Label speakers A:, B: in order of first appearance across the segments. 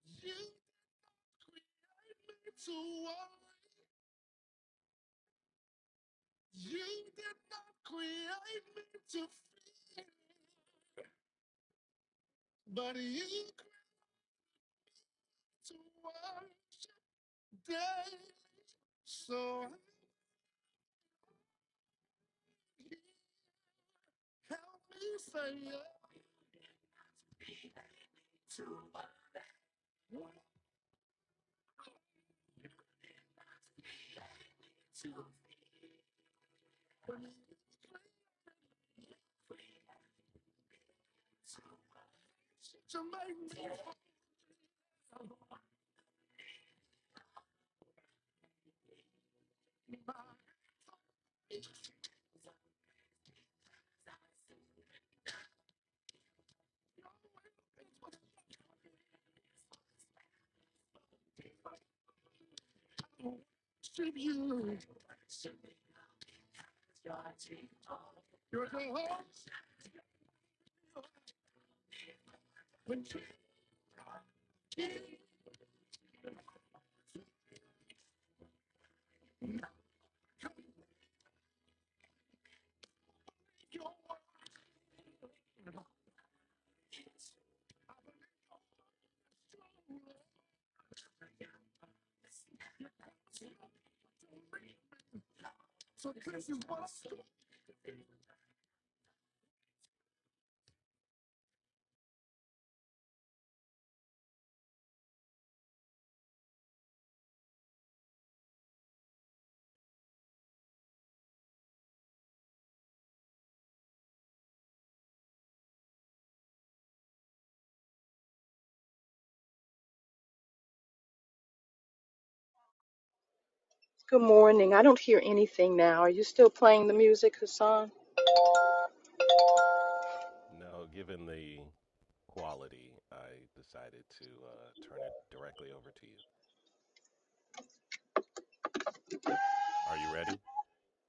A: You created me to worry. You did not create me to feel. But you created to worry daily. So I'm here. help me say yeah. To worry. To to make me worship you. You're the host, the king, your word. So this is what I do.
B: Good morning. I don't hear anything now. Are you still playing the music, Hassan?
A: No, given the quality, I decided to uh, turn it directly over to you. Are you ready?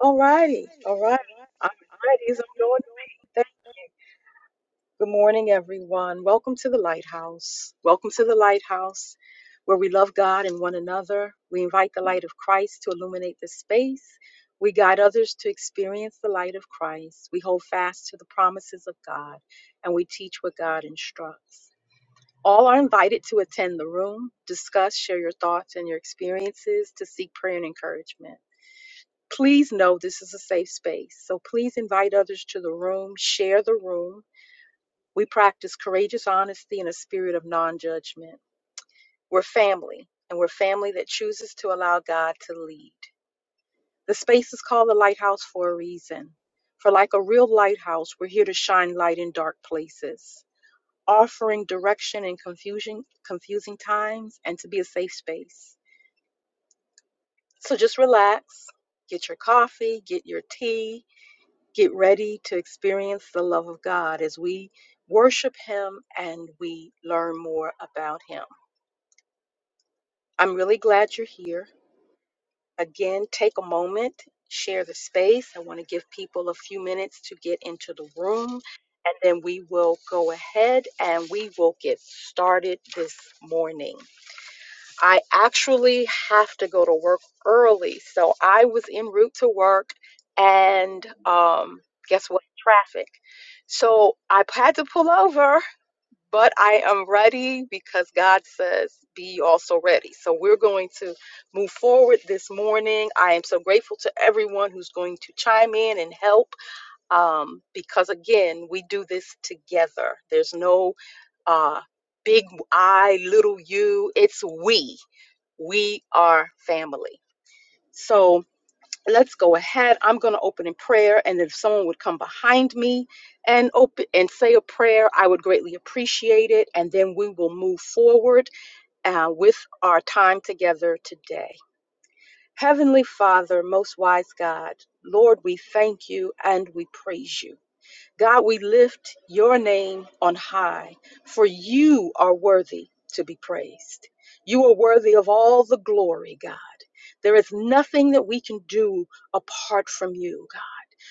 B: All
A: All
B: righty.
A: righty,
B: All right.
A: all right,
B: I'm as
A: all
B: ready as
A: right. These
B: I'm
A: are
B: going to
A: going to
B: be. Thank- Good morning, everyone. Welcome to the Lighthouse. Welcome to the Lighthouse, where we love God and one another. We invite the light of Christ to illuminate the space. We guide others to experience the light of Christ. We hold fast to the promises of God, and we teach what God instructs. All are invited to attend the room, discuss, share your thoughts and your experiences, to seek prayer and encouragement. Please know this is a safe space, so please invite others to the room, share the room. We practice courageous honesty in a spirit of non judgment. We're family, and we're family that chooses to allow God to lead. The space is called the lighthouse for a reason. For, like a real lighthouse, we're here to shine light in dark places. offering direction in confusion, confusing times, and to be a safe space. So just relax, get your coffee, get your tea, get ready to experience the love of God as we worship Him and we learn more about Him. I'm really glad you're here. Again, take a moment, share the space. I want to give people a few minutes to get into the room. And then we will go ahead and we will get started this morning. I actually have to go to work early. So I was en route to work and um, guess what? Traffic. So I had to pull over, but I am ready because God says, be also ready. So we're going to move forward this morning. I am so grateful to everyone who's going to chime in and help um, because, again, we do this together. There's no uh, big I, little you. It's we. We are family. So let's go ahead. I'm going to open in prayer, and if someone would come behind me and open and say a prayer, I would greatly appreciate it. And then we will move forward uh, with our time together today. Heavenly Father, most wise God, Lord, we thank you and we praise you. God, we lift your name on high, for you are worthy to be praised. You are worthy of all the glory, God. There is nothing that we can do apart from you,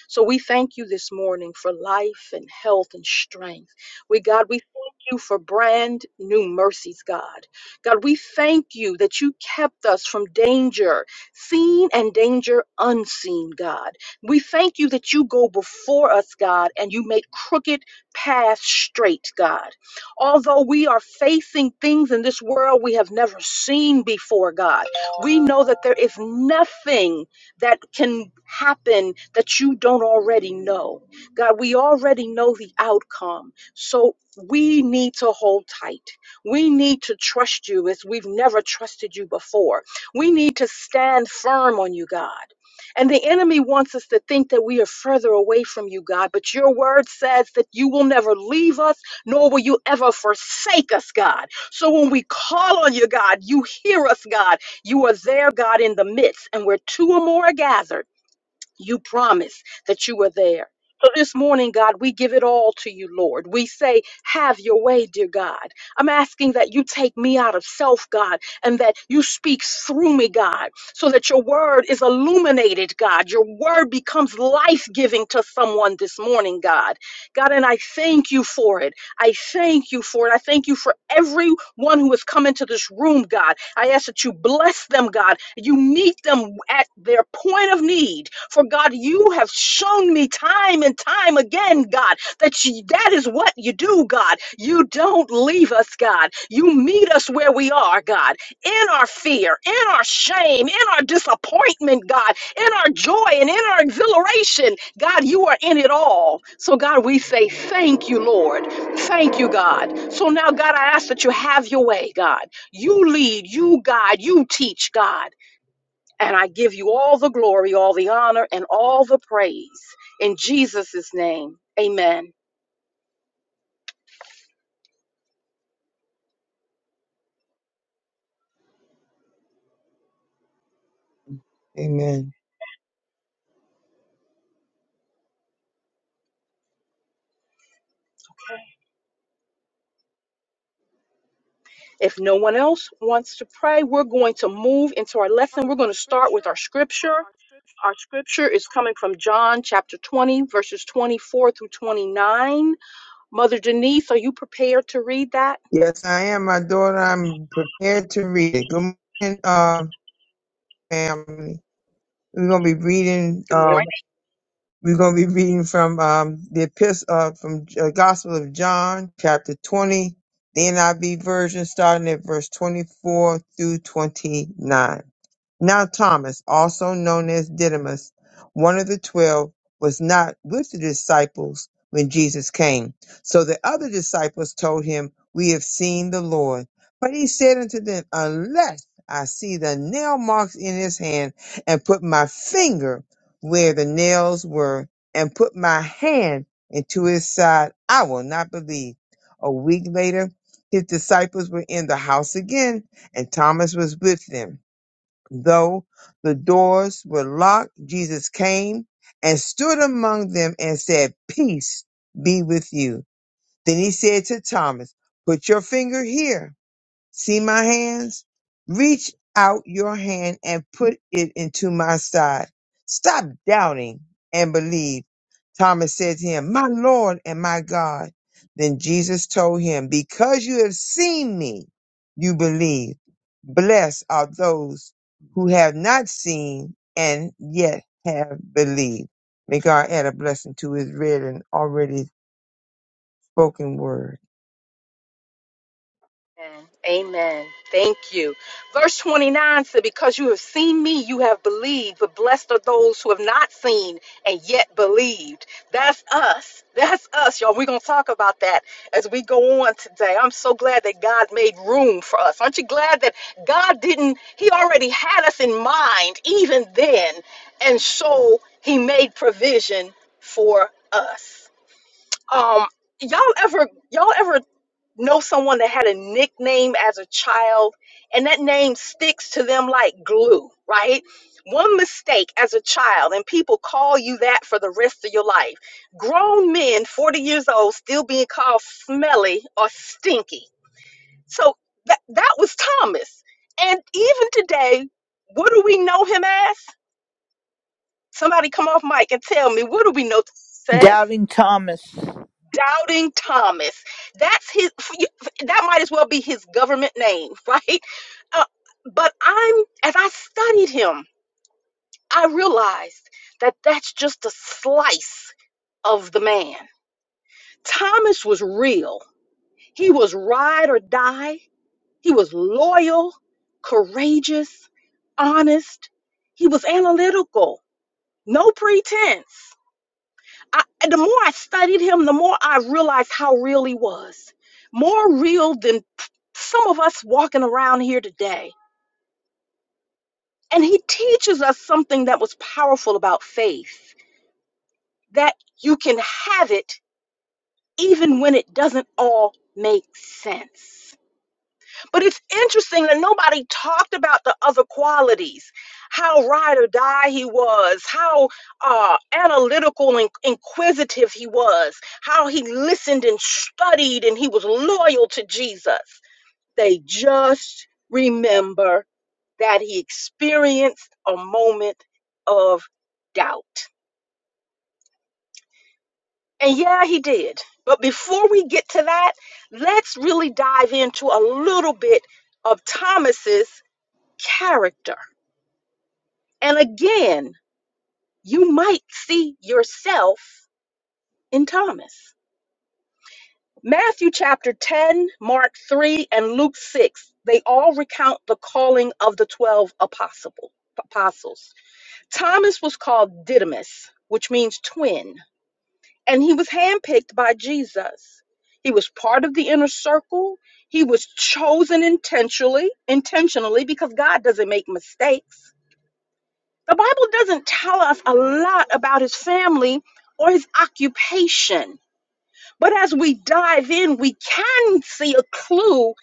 B: so we thank you this morning for life and health and strength. We, God, we thank you for brand new mercies, God. God, we thank you that you kept us from danger, seen and danger unseen, God. We thank you that you go before us, God, and you make crooked paths straight, God. Although we are facing things in this world we have never seen before, God, we know that there is nothing that can happen that you don't already know. God, we already know the outcome. So we need to hold tight. We need to trust you as we've never trusted you before. We need to stand firm on you, God. And the enemy wants us to think that we are further away from you, God, but your word says that you will never leave us, nor will you ever forsake us, God. So when we call on you, God, you hear us, God you are there, God, in the midst. And where two or more are gathered, you promise that you are there. So this morning, God, we give it all to you, Lord. We say, Have your way, dear God. I'm asking that you take me out of self, God, and that you speak through me, God, so that your word is illuminated, God. Your word becomes life giving to someone this morning, God. God, and I thank you for it. I thank you for it. I thank you for everyone who has come into this room, God. I ask that you bless them, God. You meet them at their point of need. For God, you have shown me time and time again, God, that you, that is what you do, God. You don't leave us, God. You meet us where we are, God, in our fear, in our shame, in our disappointment, God, in our joy and in our exhilaration. God, you are in it all. So, God, we say thank you, Lord. Thank you, God. So now, God, I ask that you have your way, God. You lead, you guide, you teach, God. And I give you all the glory, all the honor, and all the praise. In Jesus' name, amen.
C: Amen.
B: If no one else wants to pray, we're going to move into our
A: start
B: lesson.
A: with
B: We're
A: our
B: going to start with our
A: scripture.
B: scripture.
A: Our scripture.
B: Our scripture is coming from John chapter 20, verses 24 through 29. Mother Denise, are you prepared to read that?
C: Yes, I am. My daughter, I'm prepared to read it. Good morning, uh, family. We're gonna be reading.
B: Good morning.
C: Uh, we're gonna be reading from um, the epistle uh, from uh, Gospel of John, chapter 20, the NIV version, starting at verse 24 through 29. Now Thomas, also known as Didymus, one of the twelve, was not with the disciples when Jesus came. So the other disciples told him, We have seen the Lord. But he said unto them, Unless I see the nail marks in his hand, and put my finger where the nails were, and put my hand into his side, I will not believe. A week later, his disciples were in the house again, and Thomas was with them. Though the doors were locked, Jesus came and stood among them and said, Peace be with you. Then he said to Thomas, Put your finger here See my hands? Reach out your hand and put it into my side. Stop doubting and believe. Thomas said to him, My Lord and my God. Then Jesus told him, Because you have seen me, you believe. Blessed are those who have not seen and yet have believed. May God add a blessing to his read and already spoken word.
B: Amen. Amen. Thank you. Verse 29 said, Because you have seen me, you have believed, but blessed are those who have not seen and yet believed. That's us. That's us, y'all. We're going to talk about that as we go on today. I'm so glad that God made room for us. Aren't you glad that God didn't, He already had us in mind even then. And so He made provision for us. Um, y'all ever y'all ever know someone that had a nickname as a child and that name sticks to them like glue, right? One mistake as a child and people call you that for the rest of your life. Grown men, 40 years old, still being called smelly or stinky. So that, that was Thomas. And even today, what do we know him as? Somebody come off mic and tell me, what do we know Thomas as?
D: Doubting Thomas.
B: doubting Thomas. That's his. That might as well be his government name, right? Uh, but I'm as I studied him, I realized that that's just a slice of the man. Thomas was real. He was ride or die. He was loyal, courageous, honest. He was analytical. No pretense. I, the more I studied him, the more I realized how real he was. More real than some of us walking around here today. And he teaches us something that was powerful about faith that you can have it even when it doesn't all make sense. But it's interesting that nobody talked about the other qualities, how ride or die he was, how uh, analytical and inquisitive he was, how he listened and studied and he was loyal to Jesus. They just remember that he experienced a moment of doubt. And yeah, he did. But before we get to that, let's really dive into a little bit of Thomas's character And again, you might see yourself in Thomas. Matthew chapter 10, Mark 3, and Luke 6, they all recount the calling of the 12 apostle- apostles. Thomas was called Didymus, which means twin, and he was handpicked by Jesus. He was part of the inner circle. He was chosen intentionally, intentionally because God doesn't make mistakes. The Bible doesn't tell us a lot about his family or his occupation, but as we dive in, we can see a clue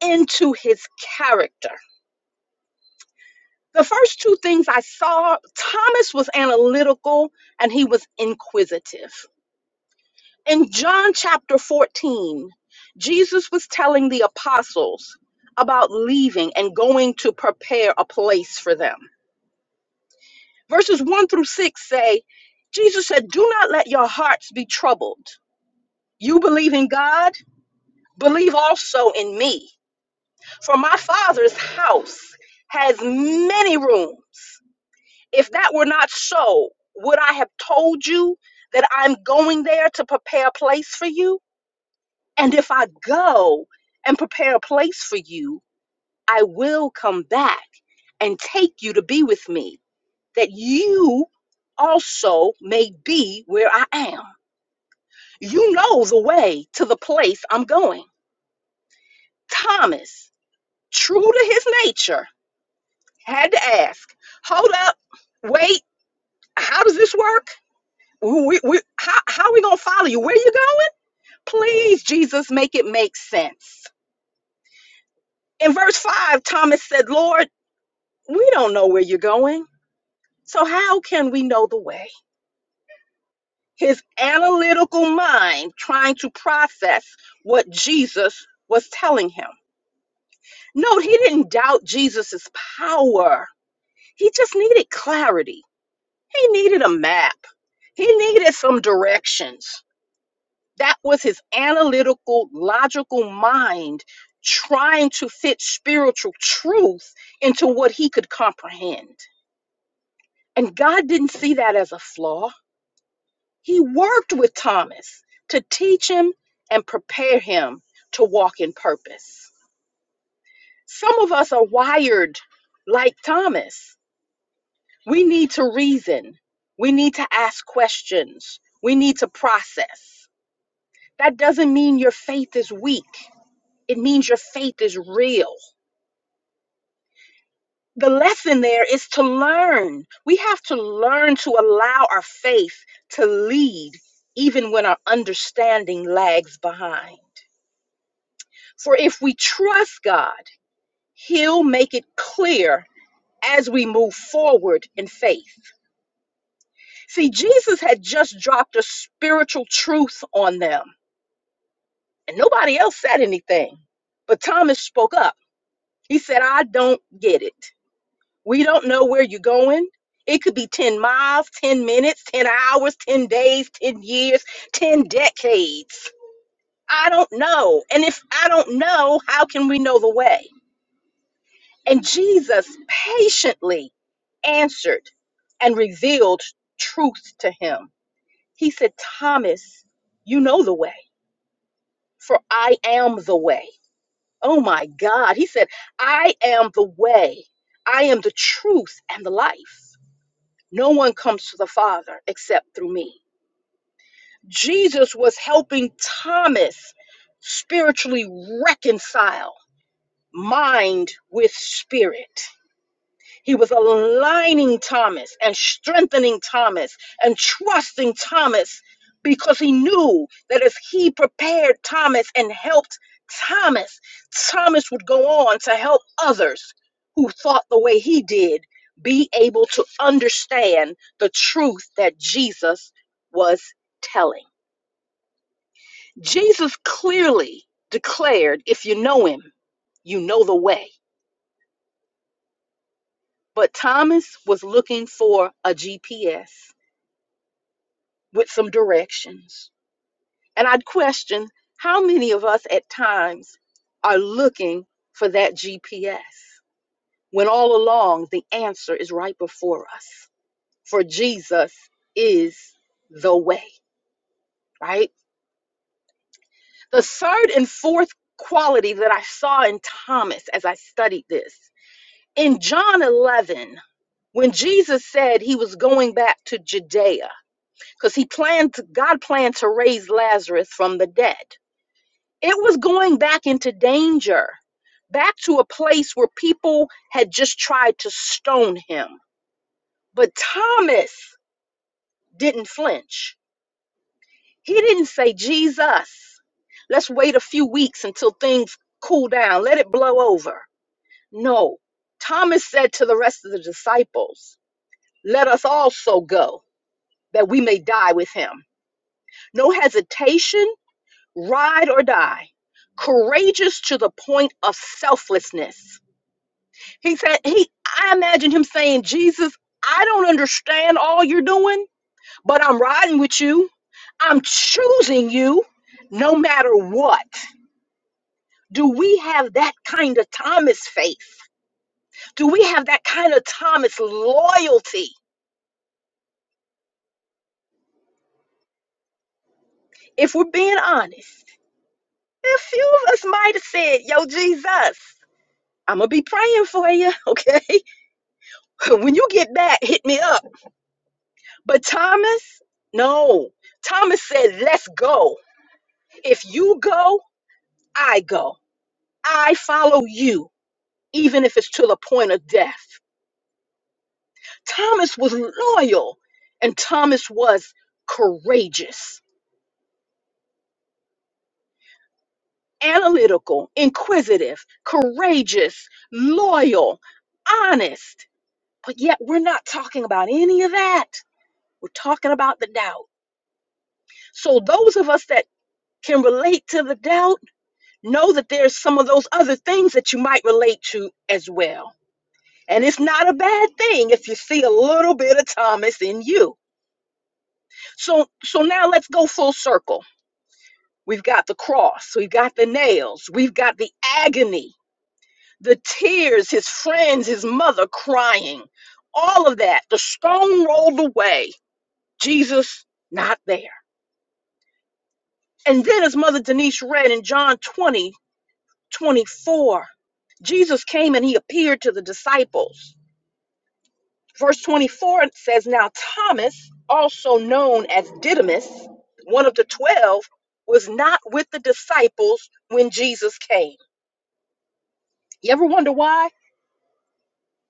B: into his character. The first two things I saw Thomas was analytical and he was inquisitive. In John chapter 14, Jesus was telling the apostles about leaving and going to prepare a place for them. Verses 1 through 6 say, Jesus said, Do not let your hearts be troubled. You believe in God, believe also in me. For my Father's house has many rooms. If that were not so, would I have told you that I'm going there to prepare a place for you? And if I go and prepare a place for you, I will come back and take you to be with me that you also may be where I am. You know the way to the place I'm going. Thomas, true to his nature, had to ask, hold up, wait, how does this work? We, we, how, how are we going to follow you? Where are you going? Please, Jesus, make it make sense. In verse 5, Thomas said, Lord, we don't know where you're going, so how can we know the way? his analytical mind trying to process what Jesus was telling him. Note, he didn't doubt Jesus's power, he just needed clarity. He needed a map, he needed some directions. That was his analytical, logical mind trying to fit spiritual truth into what he could comprehend. And God didn't see that as a flaw. He worked with Thomas to teach him and prepare him to walk in purpose. Some of us are wired like Thomas. We need to reason, we need to ask questions, we need to process. That doesn't mean your faith is weak, it means your faith is real. The lesson there is to learn. We have to learn to allow our faith to lead even when our understanding lags behind. For if we trust God, He'll make it clear as we move forward in faith. See, Jesus had just dropped a spiritual truth on them, and nobody else said anything. But Thomas spoke up. He said, I don't get it. We don't know where you're going. It could be 10 miles, 10 minutes, 10 hours, 10 days, 10 years, 10 decades. I don't know. And if I don't know, how can we know the way? And Jesus patiently answered and revealed truth to him. He said, Thomas, you know the way, for I am the way. Oh my God. He said, I am the way, I am the truth and the life. No one comes to the Father except through me. Jesus was helping Thomas spiritually reconcile mind with spirit. He was aligning Thomas and strengthening Thomas and trusting Thomas because he knew that as he prepared Thomas and helped Thomas, Thomas would go on to help others who thought the way he did be able to understand the truth that Jesus was telling. Jesus clearly declared, if you know him, you know the way. But Thomas was looking for a GPS with some directions. And I'd question how many of us at times are looking for that GPS when all along the answer is right before us. For Jesus is the way, right? The third and fourth quality that I saw in Thomas as I studied this in John 11, when Jesus said he was going back to Judea, because he planned, to, God planned to raise Lazarus from the dead. It was going back into danger, back to a place where people had just tried to stone him. But Thomas didn't flinch. He didn't say, Jesus, let's wait a few weeks until things cool down, let it blow over. No, Thomas said to the rest of the disciples, Let us also go, that we may die with him. No hesitation, ride or die. Courageous to the point of selflessness. He said, he, I imagine him saying, Jesus, I don't understand all you're doing, but I'm riding with you. I'm choosing you no matter what. Do we have that kind of Thomas faith? Do we have that kind of Thomas loyalty? If we're being honest, a few of us might have said, Yo, Jesus, I'm going to be praying for you, okay? when you get back, hit me up. But Thomas, no. Thomas said, Let's go. If you go, I go. I follow you, even if it's to the point of death. Thomas was loyal and Thomas was courageous, analytical, inquisitive, courageous, loyal, honest. But yet, we're not talking about any of that. We're talking about the doubt. So, those of us that can relate to the doubt know that there's some of those other things that you might relate to as well And it's not a bad thing if you see a little bit of Thomas in you. So so now let's go full circle. We've got the cross, we've got the nails, we've got the agony, the tears, his friends, his mother crying. All of that, the stone rolled away. Jesus not there. And then as mother Denise read in John 20 24. Jesus came and he appeared to the disciples Verse 24 says, Now Thomas, also known as Didymus, one of the twelve, was not with the disciples when Jesus came. You ever wonder why?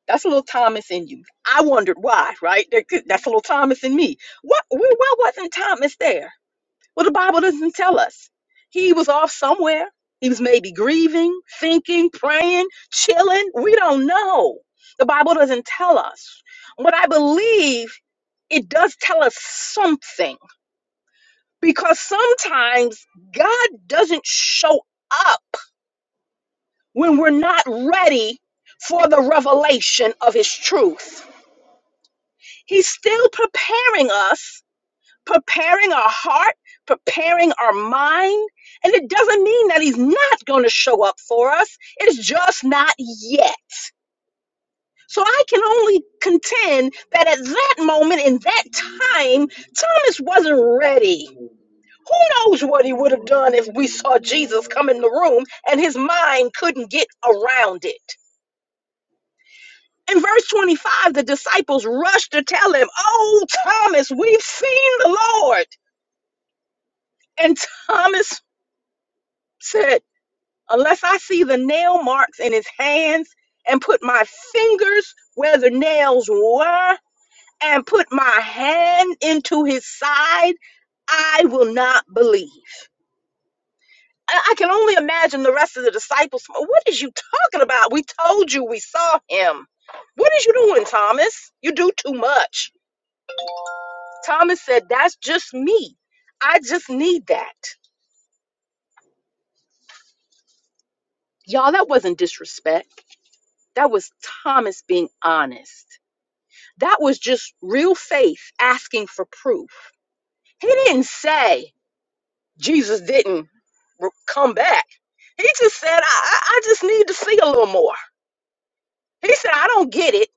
B: That's a little Thomas in you. I wondered why, right? That- That's a little Thomas in me. What, why wasn't Thomas there? Well, the Bible doesn't tell us. He was off somewhere. He was maybe grieving, thinking, praying, chilling. We don't know. The Bible doesn't tell us. What I believe, it does tell us something because sometimes God doesn't show up when we're not ready for the revelation of his truth. He's still preparing us preparing our heart, preparing our mind. And it doesn't mean that he's not going to show up for us, it's just not yet. So I can only contend that at that moment, in that time, Thomas wasn't ready. Who knows what he would have done if we saw Jesus come in the room and his mind couldn't get around it. In verse 25, the disciples rushed to tell him, Oh, Thomas, we've seen the Lord. And Thomas said, unless I see the nail marks in his hands and put my fingers where the nails were and put my hand into his side, I will not believe. I I can only imagine the rest of the disciples. "Well, What is you talking about? We told you we saw him. What is you doing, Thomas? You do too much. Thomas said, That's just me. I just need that. Y'all, that wasn't disrespect. That was Thomas being honest. That was just real faith asking for proof. He didn't say Jesus didn't re- come back. He just said, I, I I just need to see a little more. He said, I don't get it.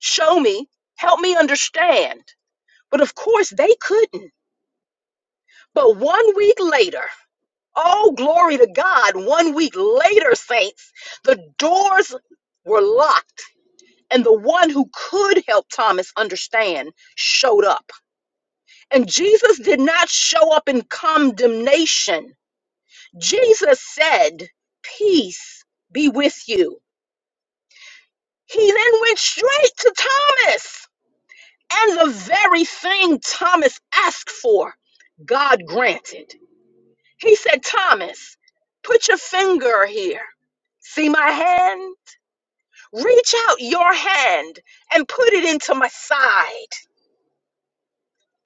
B: Show me. Help me understand. But of course, they couldn't. But one week later, oh, glory to God, one week later, saints, the doors were locked, and the one who could help Thomas understand showed up. And Jesus did not show up in condemnation. Jesus said, Peace be with you. He then went straight to Thomas. And the very thing Thomas asked for, God granted. He said, Thomas, put your finger here. See my hand? Reach out your hand and put it into my side.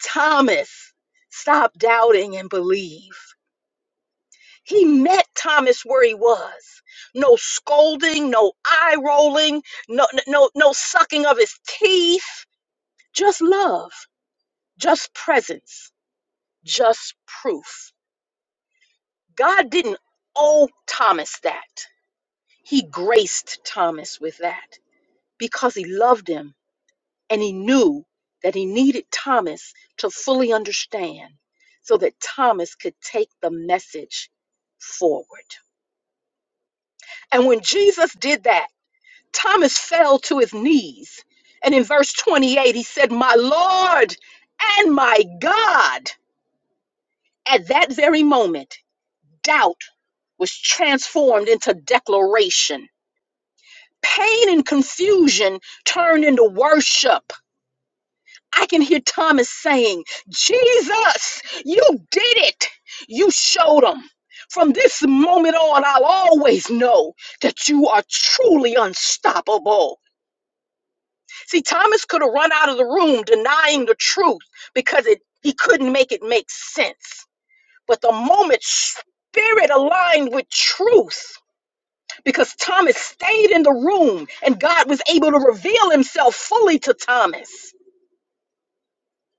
B: Thomas, stop doubting and believe. He met Thomas where he was. No scolding, no eye rolling, no no no no sucking of his teeth. Just love, just presence, just proof. God didn't owe Thomas that. He graced Thomas with that because he loved him and he knew that he needed Thomas to fully understand so that Thomas could take the message forward. And when Jesus did that, Thomas fell to his knees. And in verse 28, he said, My Lord and my God. At that very moment, doubt was transformed into declaration. Pain and confusion turned into worship. I can hear Thomas saying, Jesus, you did it. You showed them. From this moment on, I'll always know that you are truly unstoppable. See, Thomas could have run out of the room denying the truth because it he couldn't make it make sense. But the moment spirit aligned with truth, because Thomas stayed in the room and God was able to reveal himself fully to Thomas,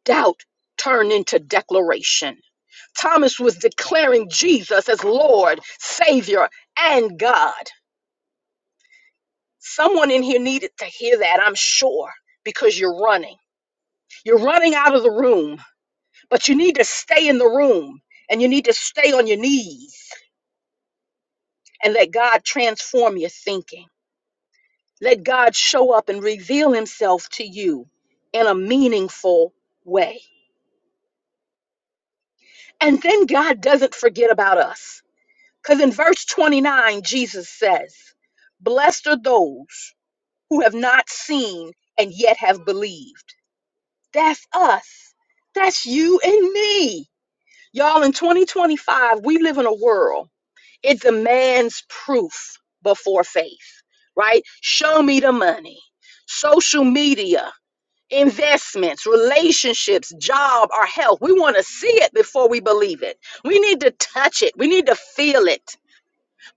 B: doubt turned into declaration. Thomas was declaring Jesus as Lord, Savior, and God. Someone in here needed to hear that, I'm sure, because you're running. You're running out of the room But you need to stay in the room and you need to stay on your knees and let God transform your thinking. Let God show up and reveal himself to you in a meaningful way. And then God doesn't forget about us. Because in verse 29, Jesus says, Blessed are those who have not seen and yet have believed. That's us. That's you and me. Y'all, in 2025, we live in a world It's a man's proof before faith, right? Show me the money. Social media, investments, relationships, job, our health. We want to see it before we believe it. We need to touch it. We need to feel it.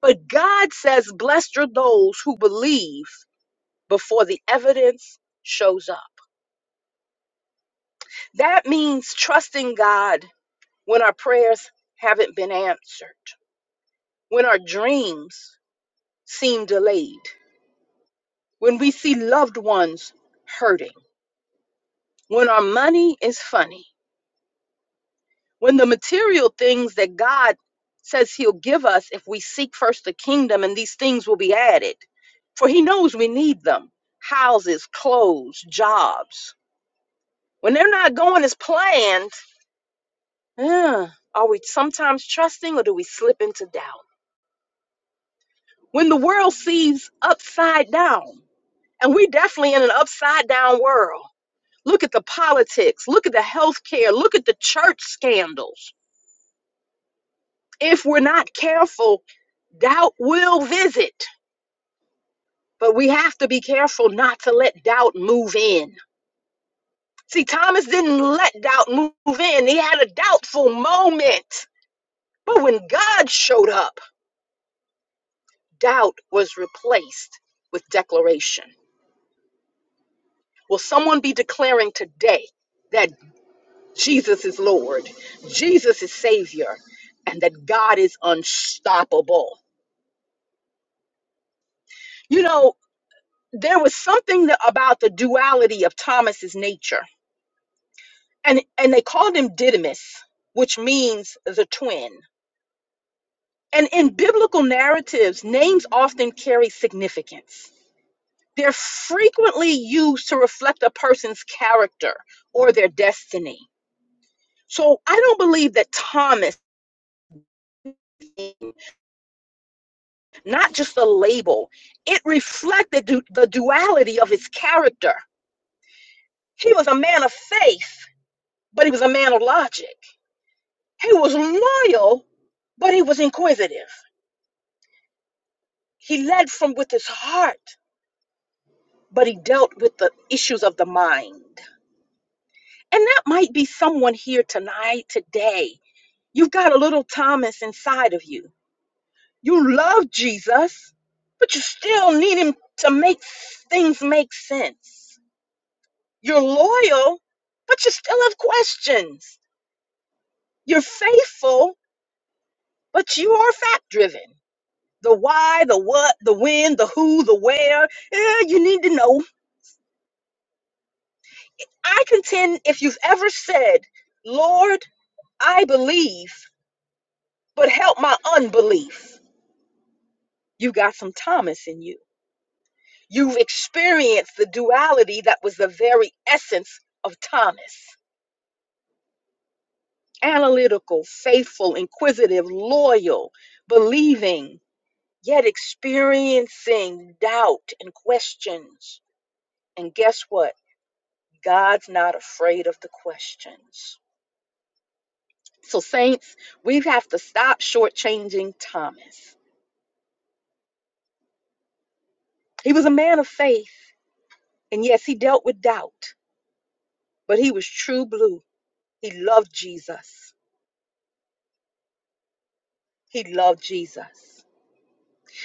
B: But God says, Blessed are those who believe before the evidence shows up. That means trusting God when our prayers haven't been answered, when our dreams seem delayed when we see loved ones hurting, when our money is funny, when the material things that God says He'll give us if we seek first the kingdom and these things will be added, for He knows we need them houses, clothes, jobs. When they're not going as planned, eh, are we sometimes trusting or do we slip into doubt? When the world sees upside down, and we definitely in an upside down world Look at the politics. Look at the health care. Look at the church scandals. If we're not careful, doubt will visit. But we have to be careful not to let doubt move in. See, Thomas didn't let doubt move in, he had a doubtful moment. But when God showed up, doubt was replaced with declaration. Will someone be declaring today that Jesus is Lord, Jesus is Savior, and that God is unstoppable? you know there was something that, about the duality of thomas's nature and and they called him didymus which means the twin and in biblical narratives names often carry significance they're frequently used to reflect a person's character or their destiny so i don't believe that thomas not just a label. It reflected du- the duality of his character. He was a man of faith, but he was a man of logic. He was loyal, but he was inquisitive. He led from with his heart, but he dealt with the issues of the mind. And that might be someone here tonight, today. You've got a little Thomas inside of you. You love Jesus, but you still need him to make things make sense. You're loyal, but you still have questions. You're faithful, but you are fact driven. the why, the what, the when, the who, the where. Eh, you need to know. I contend if you've ever said, Lord, I believe, but help my unbelief, you got some Thomas in you. You've experienced the duality that was the very essence of Thomas analytical, faithful, inquisitive, loyal, believing, yet experiencing doubt and questions. And guess what? God's not afraid of the questions. So, saints, we have to stop shortchanging Thomas. He was a man of faith, and yes, he dealt with doubt, but he was true blue. He loved Jesus. He loved Jesus.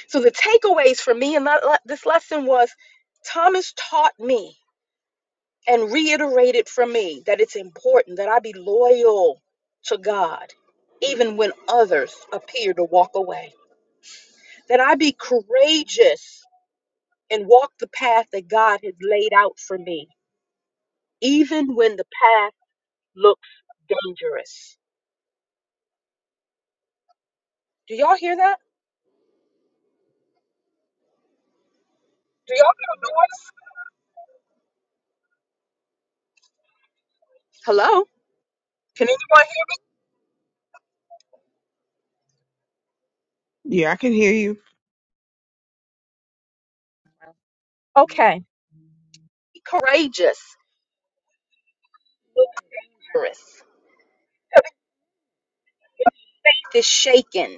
B: So, the takeaways for me in that, this lesson was Thomas taught me and reiterated for me that it's important that I be loyal to God, even when others appear to walk away, that I be courageous and walk the path that God has laid out for me, even when the path looks dangerous. Do y'all hear that? Do y'all hear the noise? Hello? Can anyone
C: Yeah, I can hear you.
B: hear? Okay. Be courageous, be dangerous, to shaken,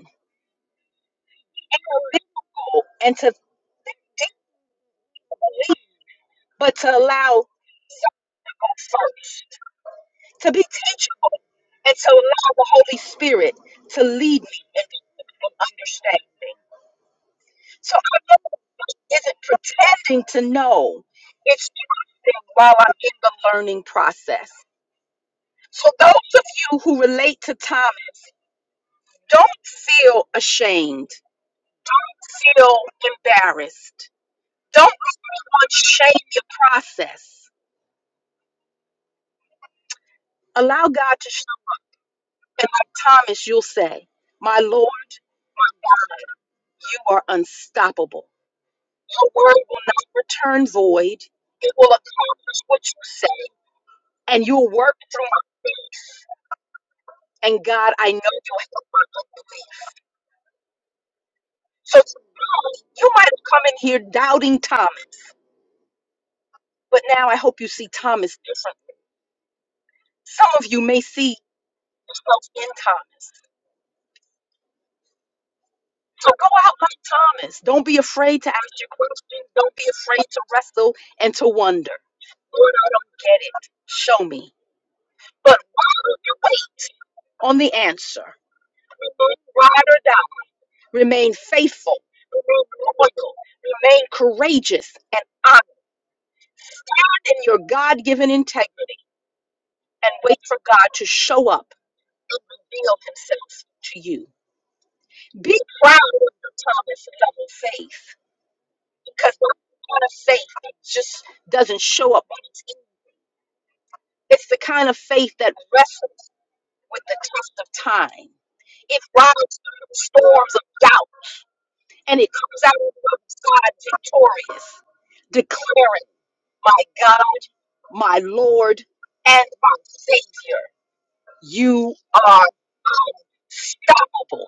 B: be real, and to think, but to allow self first, to be teachable, and to allow the Holy Spirit to lead me and to understand. So I know it isn't pretending to know. It's. while I'm in the learning process. So, those of you who relate to Thomas, don't feel ashamed, feel embarrassed. Don't want to shame your process. Allow God to show you. And like Thomas, you'll say, My Lord God, you are unstoppable. Your word will not return void, it will accomplish what you say, and you'll work through my faith. And God, I know you'll help me. So Thomas, you might have come in here doubting Thomas, but now I hope you see Thomas differently. Some of you may see yourself in Thomas. So go out like Thomas. Don't be afraid to ask your questions. Don't be afraid to wrestle and to wonder. Lord, I don't get it. Show me. But while you wait on the answer, remain ride or die. Remain faithful. Remain loyal. Remain courageous and honored in your God-given integrity and wait for God to show up and reveal himself to you. Be proud of your Thomas level faith because that's the kind of faith that just doesn't show up on its own. It's the kind of faith that wrestles with the test of time. It rides through the storms of doubt and it comes out on the other side victorious, declaring, My God, my Lord, and my Savior, you are unstoppable.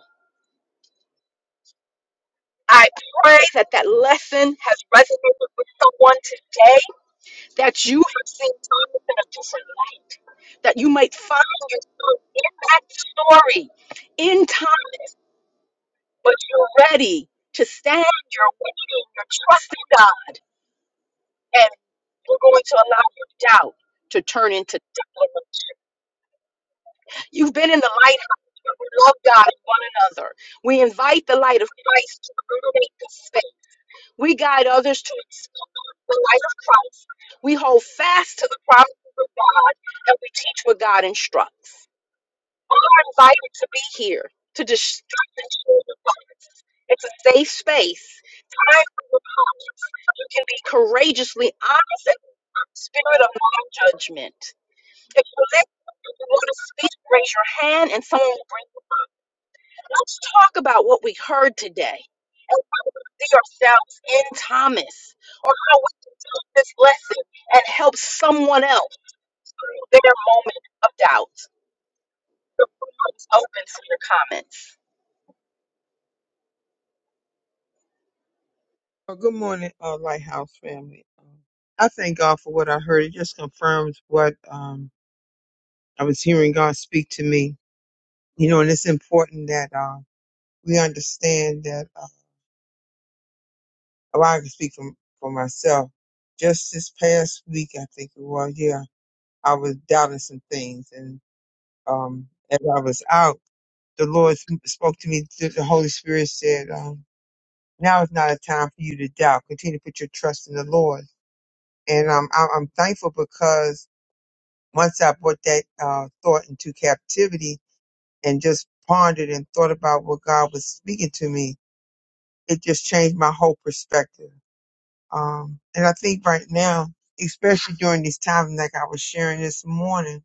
B: I pray that that lesson has resonated with someone today, that you have seen Thomas in a different light, that you might find yourself in that story in time, but you're ready to stand, you're waiting, you're trusting God, and you're going to allow your doubt to turn into declaration. You've been in the lighthouse. where We love God and one another. We invite the light of Christ to illuminate the space. We guide others to the life of Christ. We hold fast to the promises of God and we teach what God instructs. We are invited to be here to destruct and share the light. It's a safe space. Time for your conscience. You can be courageously honest and spirit of non judgment. If you're listening, if you want to speak, raise your hand and someone will bring you. Let's talk about what we heard today and see ourselves in Thomas or how we can take this lesson and help someone else. their moment of doubt. It was open to your comments.
C: Oh, good morning, uh, Lighthouse family. Um, I thank God for what I heard. It just confirms what um, I was hearing God speak to me. You know, and it's important that uh, we understand that. Uh, well, I can speak for, for myself. Just this past week, I think it was, yeah, I was doubting some things. And um, as I was out, the Lord spoke to me. The the Holy Spirit said, um, Now is not a time for you to doubt. Continue to put your trust in the Lord and um, I, I'm thankful because once I brought that uh, thought into captivity and just pondered and thought about what God was speaking to me, it just changed my whole perspective. Um, and I think right now, especially during these times, like I was sharing this morning,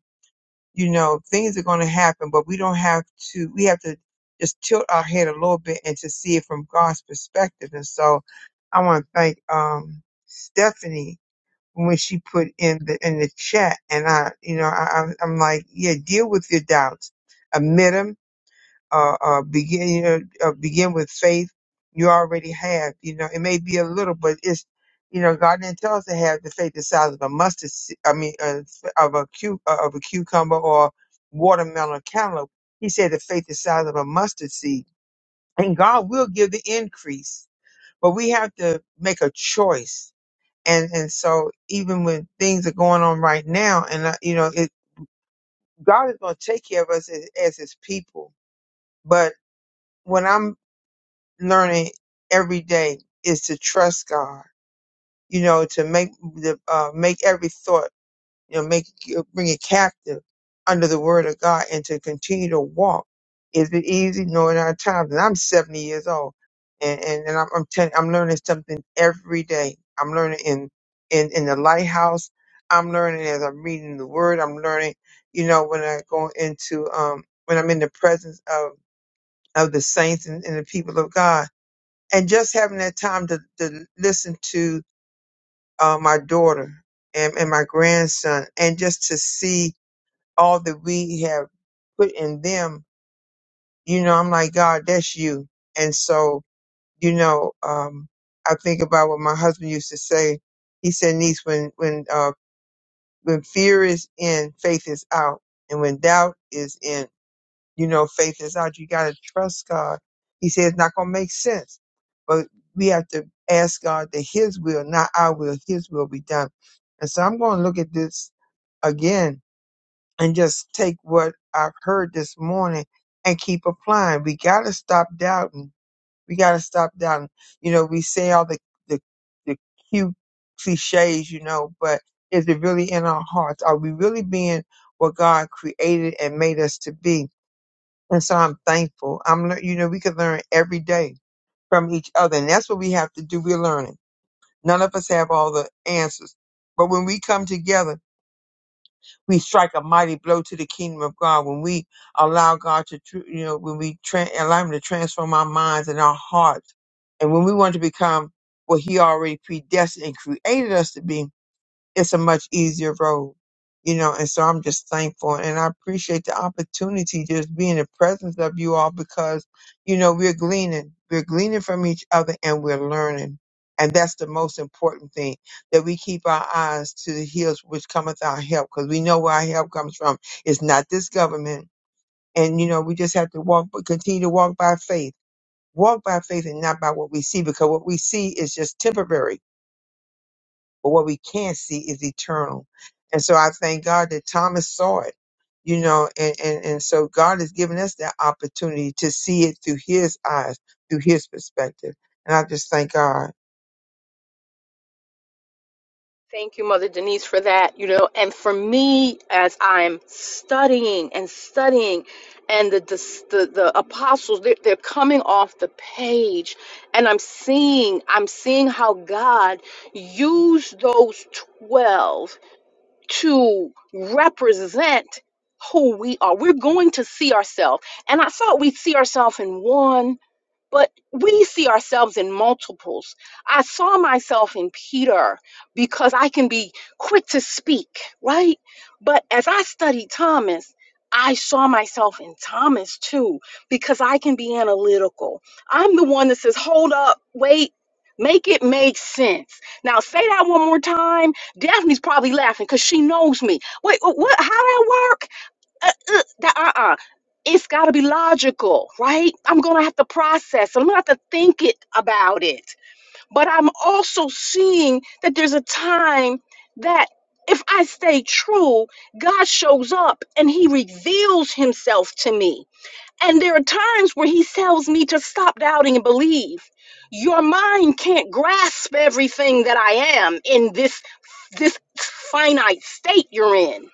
C: you know, things are going to happen, but we don't have to, we have to just tilt our head a little bit and to see it from God's perspective. And so I want to thank um, Stephanie when she put in the in the chat, and I, you know, I, I'm I'm like, yeah, deal with your doubts, admit them, uh, uh, begin, you know, uh, begin with faith you already have. You know, it may be a little, but it's, you know, God didn't tell us to have the faith the size of a mustard, se- I mean, uh, of a cu- uh, of a cucumber or watermelon cantaloupe. He said the faith the size of a mustard seed, and God will give the increase, but we have to make a choice and and so even when things are going on right now and I, you know it, god is going to take care of us as, as his people but what i'm learning every day is to trust god you know to make the uh, make every thought you know, make you bring it captive under the word of God and to continue to walk. Is it easy? No, in our times. And I'm 70 years old, and and, and I'm I'm, telling I'm learning something every day. I'm learning in in in the lighthouse. I'm learning as I'm reading the word. I'm learning, you know, when I go into um when I'm in the presence of of the saints and, and the people of God, and just having that time to to listen to uh, my daughter and, and my grandson, and just to see all that we have put in them, you know, I'm like, God, that's you. And so, you know, um, I think about what my husband used to say. He said, niece, when, when, uh, when fear is in, faith is out. And when doubt is in, you know, faith is out. You got to trust God. He said, it's not going to make sense, but we have to ask God that his will, not our will, his will be done. And so I'm going to look at this again and just take what I've heard this morning and keep applying. We got to stop doubting. We got to stop doubting. You know, we say all the, the, the cute cliches, you know, but is it really in our hearts? Are we really being what God created and made us to be? And so I'm thankful. I'm, lear- you know, we can learn every day from each other. And that's what we have to do. We're learning. None of us have all the answers. But when we come together we strike a mighty blow to the kingdom of God when we allow God to, tr- you know, when we tra- allow Him to transform our minds and our hearts, and when we want to become what He already predestined and created us to be it's a much easier road, you know. And so I'm just thankful and I appreciate the opportunity just being in the presence of you all because, you know, we're gleaning, we're gleaning from each other and we're learning. And that's the most important thing that we keep our eyes to the hills which cometh our help because we know where our help comes from. It's not this government. And, you know, we just have to walk, but continue to walk by faith. Walk by faith and not by what we see because what we see is just temporary but what we can see is eternal. And so I thank God that Thomas saw it, you know, and, and, and so God has given us that opportunity to see it through his eyes, through his perspective. And I just thank God.
B: Thank you, Mother Denise, for that. You know, and for me, as I'm studying and studying, and the the, the apostles, they're, they're coming off the page, and I'm seeing I'm seeing how God used those twelve to represent who we are. We're going to see ourselves, and I thought we'd see ourselves in one, but we see ourselves in multiples. I saw myself in Peter because I can be quick to speak, right? But as I studied Thomas, I saw myself in Thomas too because I can be analytical. I'm the one that says, hold up, wait. Make it make sense. Now say that one more time. Daphne's probably laughing because she knows me. Wait, wh- what? How that work? uh, uh, that- uh-uh. It's got to be logical, right? I'm going to have to process. I'm going to have to think it about it. But I'm also seeing that there's a time that if I stay true, God shows up and he reveals himself to me. And there are times where he tells me to stop doubting and believe. Your mind can't grasp everything that I am in this this finite state you're in.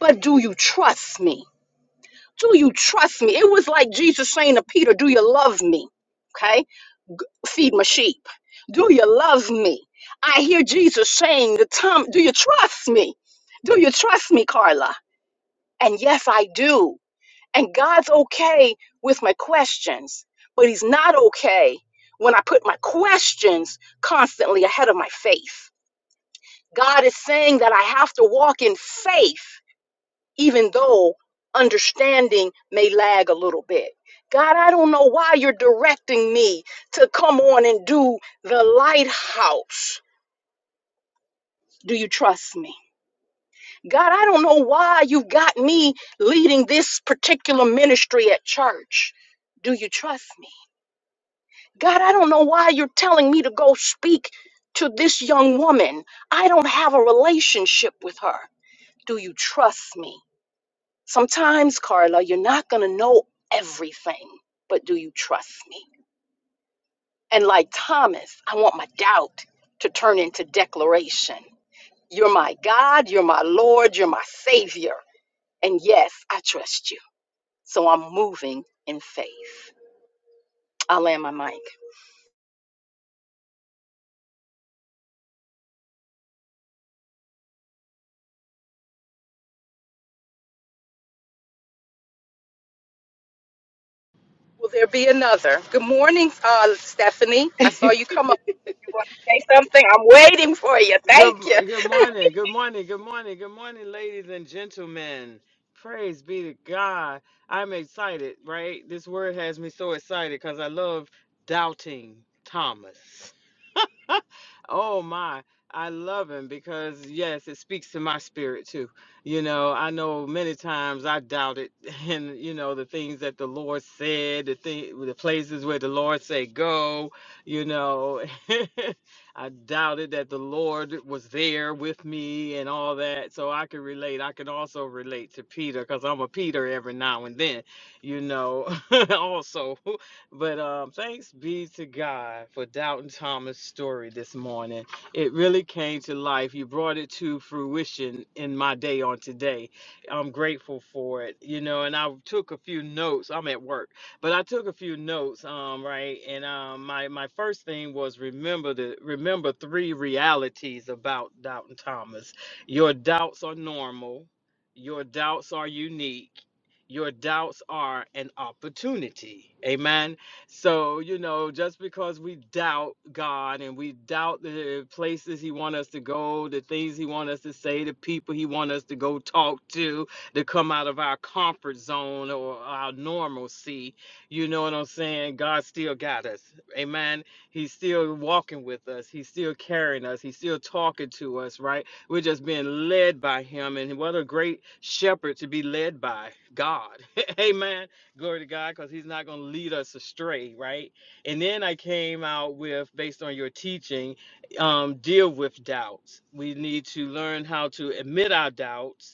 B: But do you trust me? Do you trust me? It was like Jesus saying to Peter, Do you love me? Okay, feed my sheep. Do you love me? I hear Jesus saying to Tom, Do you trust me? Do you trust me, Carla? And yes, I do. And God's okay with my questions, but He's not okay when I put my questions constantly ahead of my faith. God is saying that I have to walk in faith even though understanding may lag a little bit. God, I don't know why you're directing me to come on and do the lighthouse. Do you trust me? God, I don't know why you've got me leading this particular ministry at church. Do you trust me? God, I don't know why you're telling me to go speak to this young woman. I don't have a relationship with her. Do you trust me? Sometimes, Carla, you're not going to know everything, but do you trust me? And like Thomas, I want my doubt to turn into declaration. You're my God, you're my Lord, you're my Savior. And yes, I trust you. So I'm moving in faith. I'll land my mic. Will there be another? Good morning, uh, Stephanie. I saw you come up. You want to say something? I'm waiting for you.
E: Good,
B: Thank you.
E: good morning, good morning, good morning, good morning, ladies and gentlemen. Praise be to God. I'm excited, right? This word has me so excited because I love doubting Thomas. Oh my, I love him because yes, it speaks to my spirit too. You know, I know many times I doubted and you know the things that the Lord said, the thing the places where the Lord said go, you know. I doubted that the Lord was there with me and all that. So I can relate. I can also relate to Peter because I'm a Peter every now and then, you know, also. But um, thanks be to God for Doubting Thomas' story this morning. It really came to life. You brought it to fruition in my day on today. I'm grateful for it, you know. And I took a few notes. I'm at work, but I took a few notes. Um, right. And um, my my first thing was remember the remember three realities about Doubting Thomas. Your doubts are normal. Your doubts are unique. Your doubts are an opportunity. Amen so, you know, just because we doubt God and we doubt the places he want us to go, the things he want us to say, the people he want us to go talk to, to come out of our comfort zone or our normalcy, you know what I'm saying? God still got us. Amen. He's still walking with us. He's still carrying us. He's still talking to us, right? We're just being led by him and what a great shepherd to be led by God. Amen Glory to God, because He's not going to lead us astray, right? And then I came out with, based on your teaching, um, deal with doubts. We need to learn how to admit our doubts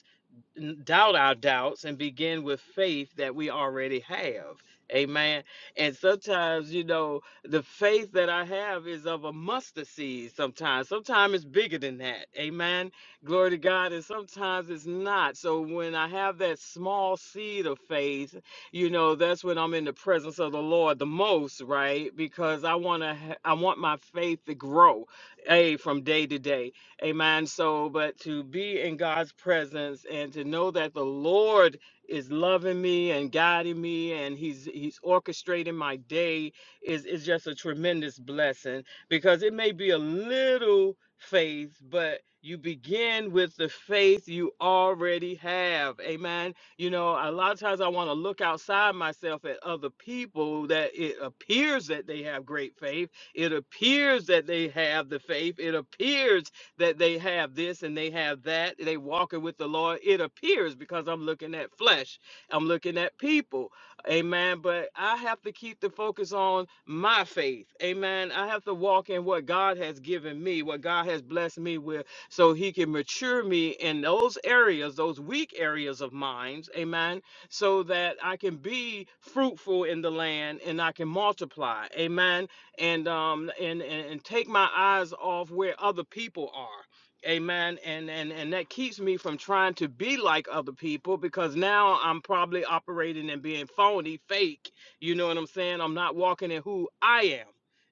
E: doubt our doubts and begin with faith that we already have. Amen. And sometimes, you know, the faith that I have is of a mustard seed sometimes. Sometimes it's bigger than that. Amen. Glory to God. And sometimes it's not. So when I have that small seed of faith, you know, that's when I'm in the presence of the Lord the most, right? Because I want to ha- I want my faith to grow, a from day to day. Amen. So, but to be in God's presence and to know that the Lord is loving me and guiding me and he's he's orchestrating my day is is just a tremendous blessing because it may be a little faith but you begin with the faith you already have amen you know a lot of times i want to look outside myself at other people that it appears that they have great faith it appears that they have the faith it appears that they have this and they have that. They walking with the Lord. It appears because I'm looking at flesh. I'm looking at people. Amen. But I have to keep the focus on my faith. Amen. I have to walk in what God has given me, what God has blessed me with, so He can mature me in those areas, those weak areas of minds. Amen. So that I can be fruitful in the land and I can multiply. Amen and um and, and and take my eyes off where other people are amen and and and that keeps me from trying to be like other people because now i'm probably operating and being phony fake you know what i'm saying i'm not walking in who i am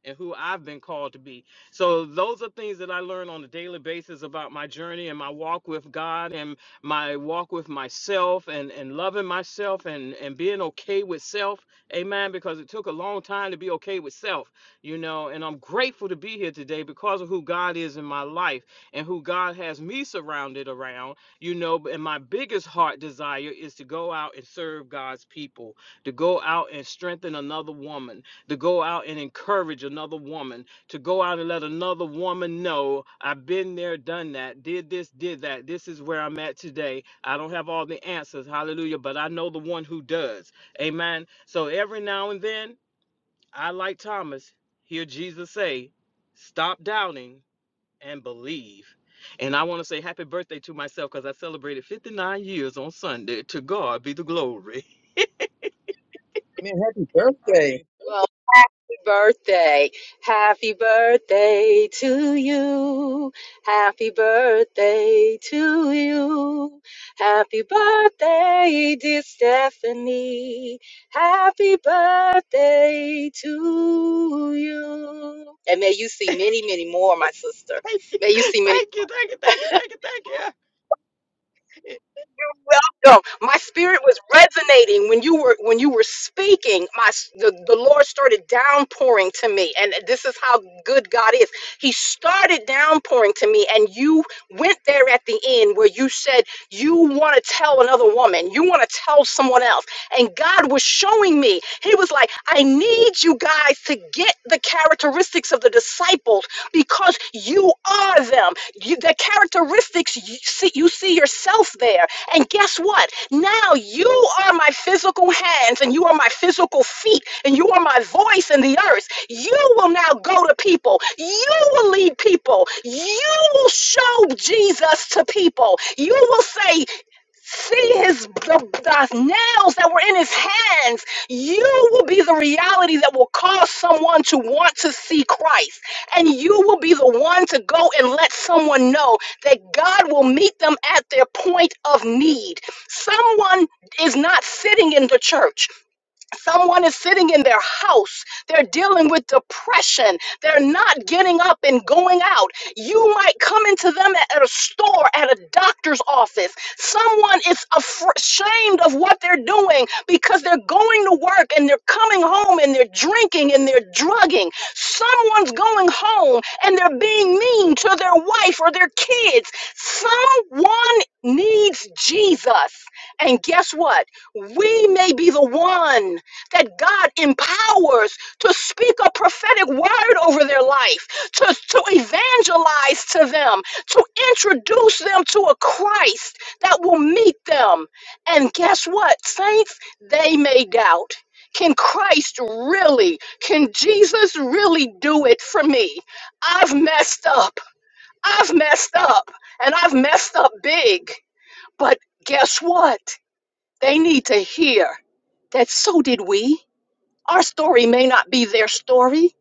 E: and who I've been called to be. So those are things that I learn on a daily basis about my journey and my walk with God and my walk with myself and and loving myself and and being okay with self. Amen because it took a long time to be okay with self you know, and I'm grateful to be here today because of who God is in my life and who God has me surrounded around, you know. And my biggest heart desire is to go out and serve God's people, to go out and strengthen another woman, to go out and encourage another woman, to go out and let another woman know I've been there, done that, did this, did that. This is where I'm at today. I don't have all the answers, hallelujah, but I know the one who does. Amen. So every now and then, I like Thomas hear Jesus say, "Stop doubting and believe." And I want to say happy birthday to myself because I celebrated 59 years on Sunday. To God be the glory.
C: Man, happy birthday.
B: Well, happy birthday. Happy birthday to you. Happy birthday to you. Happy birthday, dear Stephanie. Happy birthday to you. And may you see many, many more, my sister.
E: thank you,
B: May you see many.
E: thank you, thank you, thank you, thank you.
B: welcome. My spirit was resonating when you were when you were speaking. My s- the, the Lord started downpouring to me, and this is how good God is. He started downpouring to me, and you went there at the end where you said you want to tell another woman, you want to tell someone else, and God was showing me. He was like, I need you guys to get the characteristics of the disciples because you are them. You, the characteristics you see, you see yourself there. And guess what? Now you are my physical hands and you are my physical feet and you are my voice in the earth. You will now go to people. You will lead people. You will show Jesus to people. You will say, See his the, the nails that were in his hands. You will be the reality that will cause someone to want to see Christ, and you will be the one to go and let someone know that God will meet them at their point of need. Someone is not sitting in the church. Someone is sitting in their house. They're dealing with depression. They're not getting up and going out. You might come into them at at a store, at a doctor's office. Someone is afr- ashamed of what they're doing because they're going to work and they're coming home and they're drinking and they're drugging. Someone's going home and they're being mean to their wife or their kids. Someone needs Jesus. And guess what? We may be the one that God empowers to speak a prophetic word over their life, to, to evangelize to them, to introduce them to a Christ that will meet them. And guess what, saints? They may doubt. Can Christ really, can Jesus really do it for me? I've messed up. I've messed up. And I've messed up big. But guess what? They need to hear that so did we. Our story may not be their story,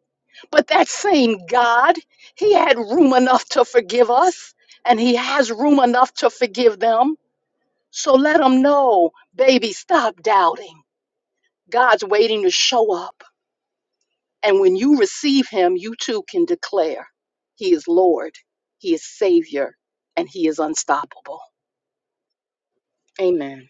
B: but that same God, He had room enough to forgive us, and He has room enough to forgive them. So let them know, baby, stop doubting. God's waiting to show up. And when you receive Him, you too can declare He is Lord, He is Savior, and He is unstoppable. Amen.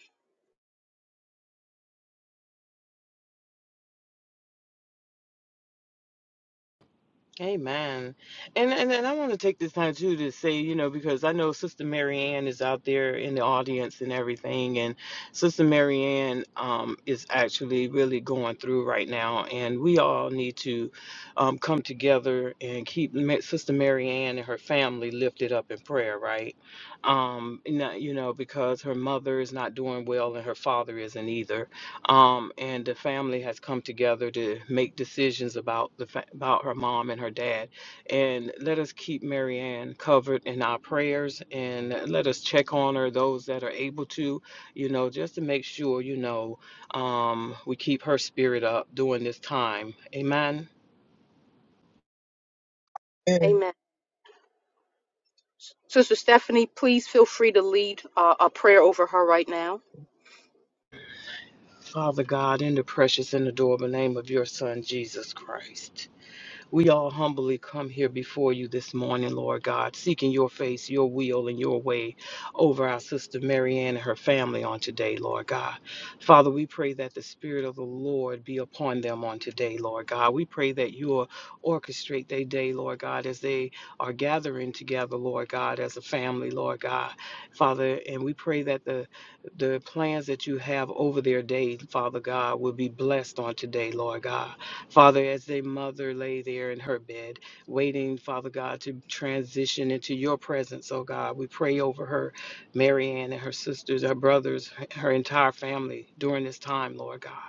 E: Amen. And, and and I want to take this time too to say, you know, because I know Sister Marianne is out there in the audience and everything, and Sister Marianne um, is actually really going through right now, and we all need to um, come together and keep Ma- Sister Marianne and her family lifted up in prayer, right? Um, and that, you know, because her mother is not doing well and her father isn't either, um, and the family has come together to make decisions about the fa- about her mom and her dad. And let us keep Marianne covered in our prayers, and let us check on her those that are able to, you know, just to make sure, you know, um, we keep her spirit up during this time. Amen.
C: man,
B: Amen. Sister Stephanie, please feel free to lead uh, a prayer over her right now.
E: Father God, in the precious and adorable name of your Son Jesus Christ. We all humbly come here before you this morning, Lord God, seeking your face, your will, and your way over our sister Marianne and her family on today, Lord God. Father, we pray that the Spirit of the Lord be upon them on today, Lord God. We pray that you will orchestrate their day, Lord God, as they are gathering together, Lord God, as a family, Lord God. Father, and we pray that the the plans that you have over their day, Father God, will be blessed on today, Lord God. Father, as a mother lay there in her bed, waiting, Father God, to transition into your presence, oh God, we pray over her, Marianne and her sisters, her brothers, her entire family during this time, Lord God.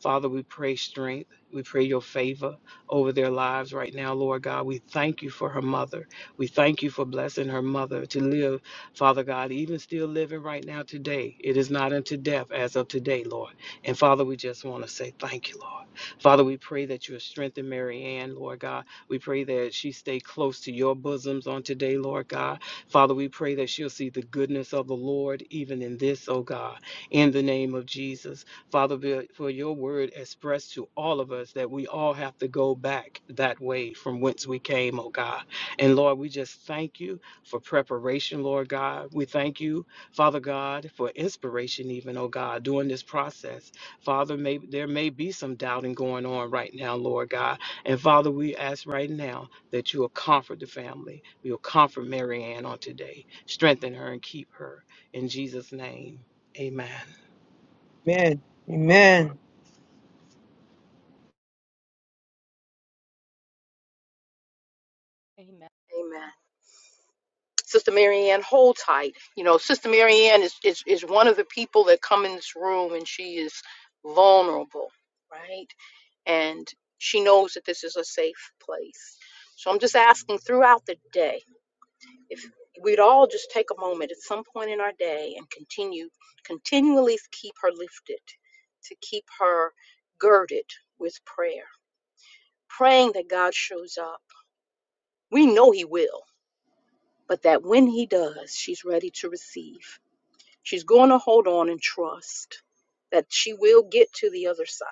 E: Father, we pray strength. We pray your favor over their lives right now, Lord God. We thank you for her mother. We thank you for blessing her mother to live, Father God, even still living right now today. It is not unto death as of today, Lord. And Father, we just want to say thank you, Lord. Father, we pray that you will strengthen Mary Ann, Lord God. We pray that she stay close to your bosoms on today, Lord God. Father, we pray that she'll see the goodness of the Lord even in this, oh God, in the name of Jesus. Father, for your word expressed to all of us that we all have to go back that way from whence we came, oh God. And Lord, we just thank you for preparation, Lord God. We thank you, Father God, for inspiration, even, oh God, during this process. Father, may, there may be some doubting going on right now, Lord God. And Father, we ask right now that you will comfort the family. You'll comfort Mary Ann on today. Strengthen her and keep her. In Jesus' name, amen.
C: Amen. Amen.
B: Amen. Amen. Sister Marianne, hold tight. You know, Sister Marianne is, is, is one of the people that come in this room and she is vulnerable, right? And she knows that this is a safe place. So I'm just asking throughout the day if we'd all just take a moment at some point in our day and continue, continually keep her lifted, to keep her girded with prayer, praying that God shows up. We know He will, but that when He does, she's ready to receive She's going to hold on and trust that she will get to the other side.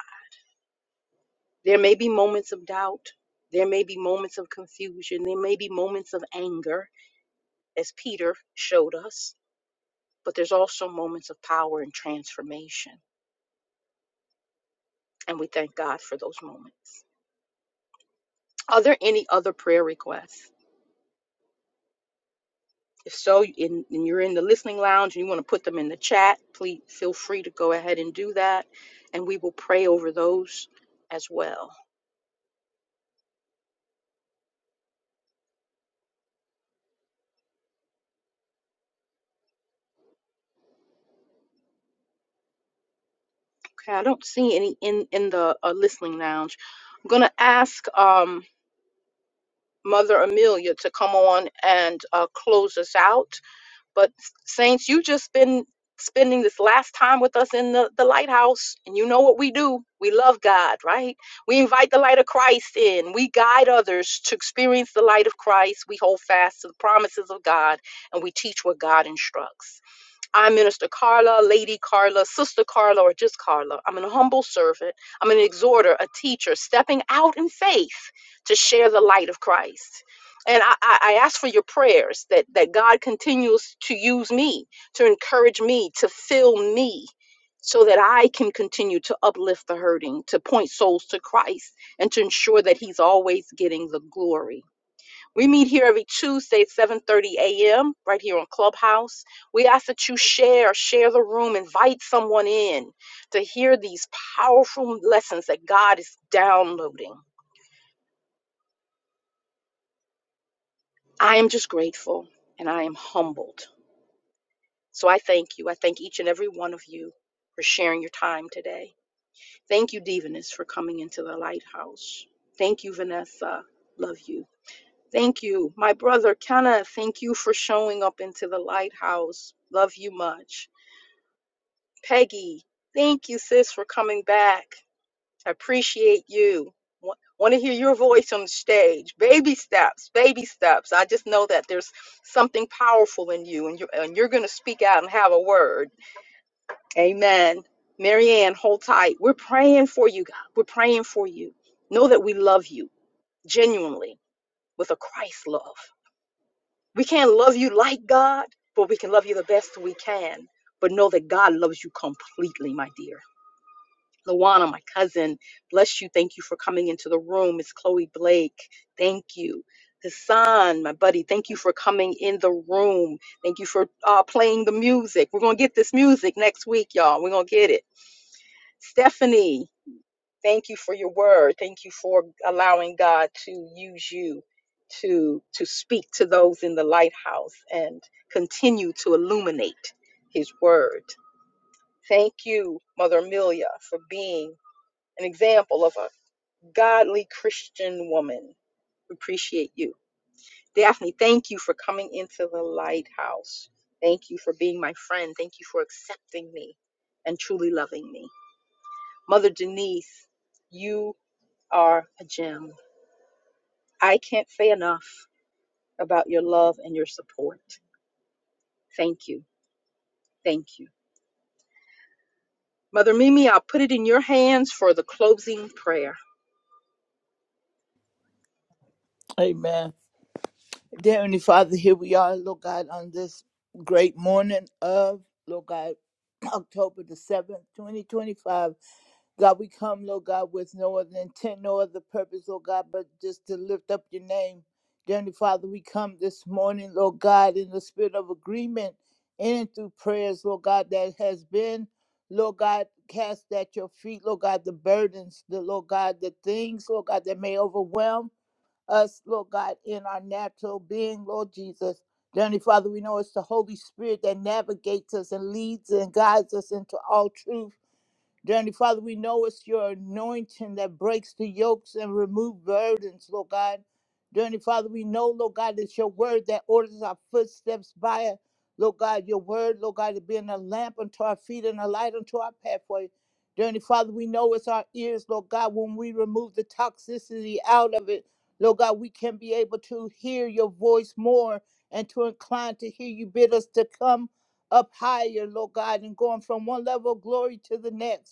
B: There may be moments of doubt. There may be moments of confusion. There may be moments of anger, as Peter showed us. But there's also moments of power and transformation. And we thank God for those moments. Are there any other prayer requests? If so, in, and you're in the listening lounge and you want to put them in the chat, please feel free to go ahead and do that. And we will pray over those as well. Okay, I don't see any in in the uh, listening lounge. I'm gonna ask um Mother Amelia to come on and uh, close us out. But Saints, you just been spending this last time with us in the, the lighthouse and you know what we do we love god right we invite the light of christ in we guide others to experience the light of christ we hold fast to the promises of god and we teach what god instructs I'm Minister Carla, Lady Carla, Sister Carla, or just Carla. I'm an humble servant. I'm an exhorter, a teacher, stepping out in faith to share the light of Christ. And I, I I ask for your prayers that, that God continues to use me, to encourage me, to fill me, so that I can continue to uplift the hurting, to point souls to Christ, and to ensure that He's always getting the glory. We meet here every Tuesday at 7:30 a.m. right here on Clubhouse. We ask that you share, share the room, invite someone in to hear these powerful lessons that God is downloading. I am just grateful and I am humbled. So I thank you. I thank each and every one of you for sharing your time today. Thank you, Divinus, for coming into the lighthouse. Thank you, Vanessa. Love you. Thank you, my brother Kenneth. Thank you for showing up into the lighthouse. Love you much. Peggy, thank you, sis, for coming back. I appreciate you. Want to hear your voice on the stage. Baby steps, baby steps. I just know that there's something powerful in you, and you're, and you're going to speak out and have a word. Amen. Marianne, hold tight. We're praying for you, God. We're praying for you. Know that we love you genuinely with a Christ love. We can't love you like God, but we can love you the best we can. But know that God loves you completely, my dear Lawana, my cousin, bless you. Thank you for coming into the room. It's Chloe Blake. Thank you. Hassan, my buddy, thank you for coming in the room. Thank you for uh, playing the music. We're going to get this music next week, y'all. We're going to get it. Stephanie, thank you for your word. Thank you for allowing God to use you to to speak to those in the lighthouse and continue to illuminate his word. Thank you, Mother Amelia, for being an example of a godly Christian woman. Appreciate you. Daphne, thank you for coming into the lighthouse. Thank you for being my friend. Thank you for accepting me and truly loving me. Mother Denise, you are a gem. I can't say enough about your love and your support. Thank you. Thank you. Mother Mimi, I'll put it in your hands for the closing prayer.
D: Amen. Dear Heavenly Father, here we are, Lord God, on this great morning of, Lord God, October the 7th, 2025. God, we come, Lord God, with no other intent, no other purpose, Lord God, but just to lift up your name. Dear Heavenly Father, we come this morning, Lord God, in the spirit of agreement in and through prayers, Lord God, that has been, Lord God, cast at your feet, Lord God, the burdens, the Lord God, the things, Lord God, that may overwhelm. us, Lord God, in our natural being, Lord Jesus. Dear Heavenly Father, we know it's the Holy Spirit that navigates us and leads and guides us into all truth. Dear Heavenly Father, we know it's your anointing that breaks the yokes and remove burdens, Lord God. Dear Heavenly Father, we know, Lord God, it's your word that orders our footsteps by it. Lord God, your word, Lord God, to be a lamp unto our feet and a light unto our pathway. Dear Heavenly Father, we know it's our ears, Lord God, when we remove the toxicity out of it, Lord God, we can be able to hear your voice more and to incline to hear you bid us to come up higher, Lord God, and going from one level of glory to the next.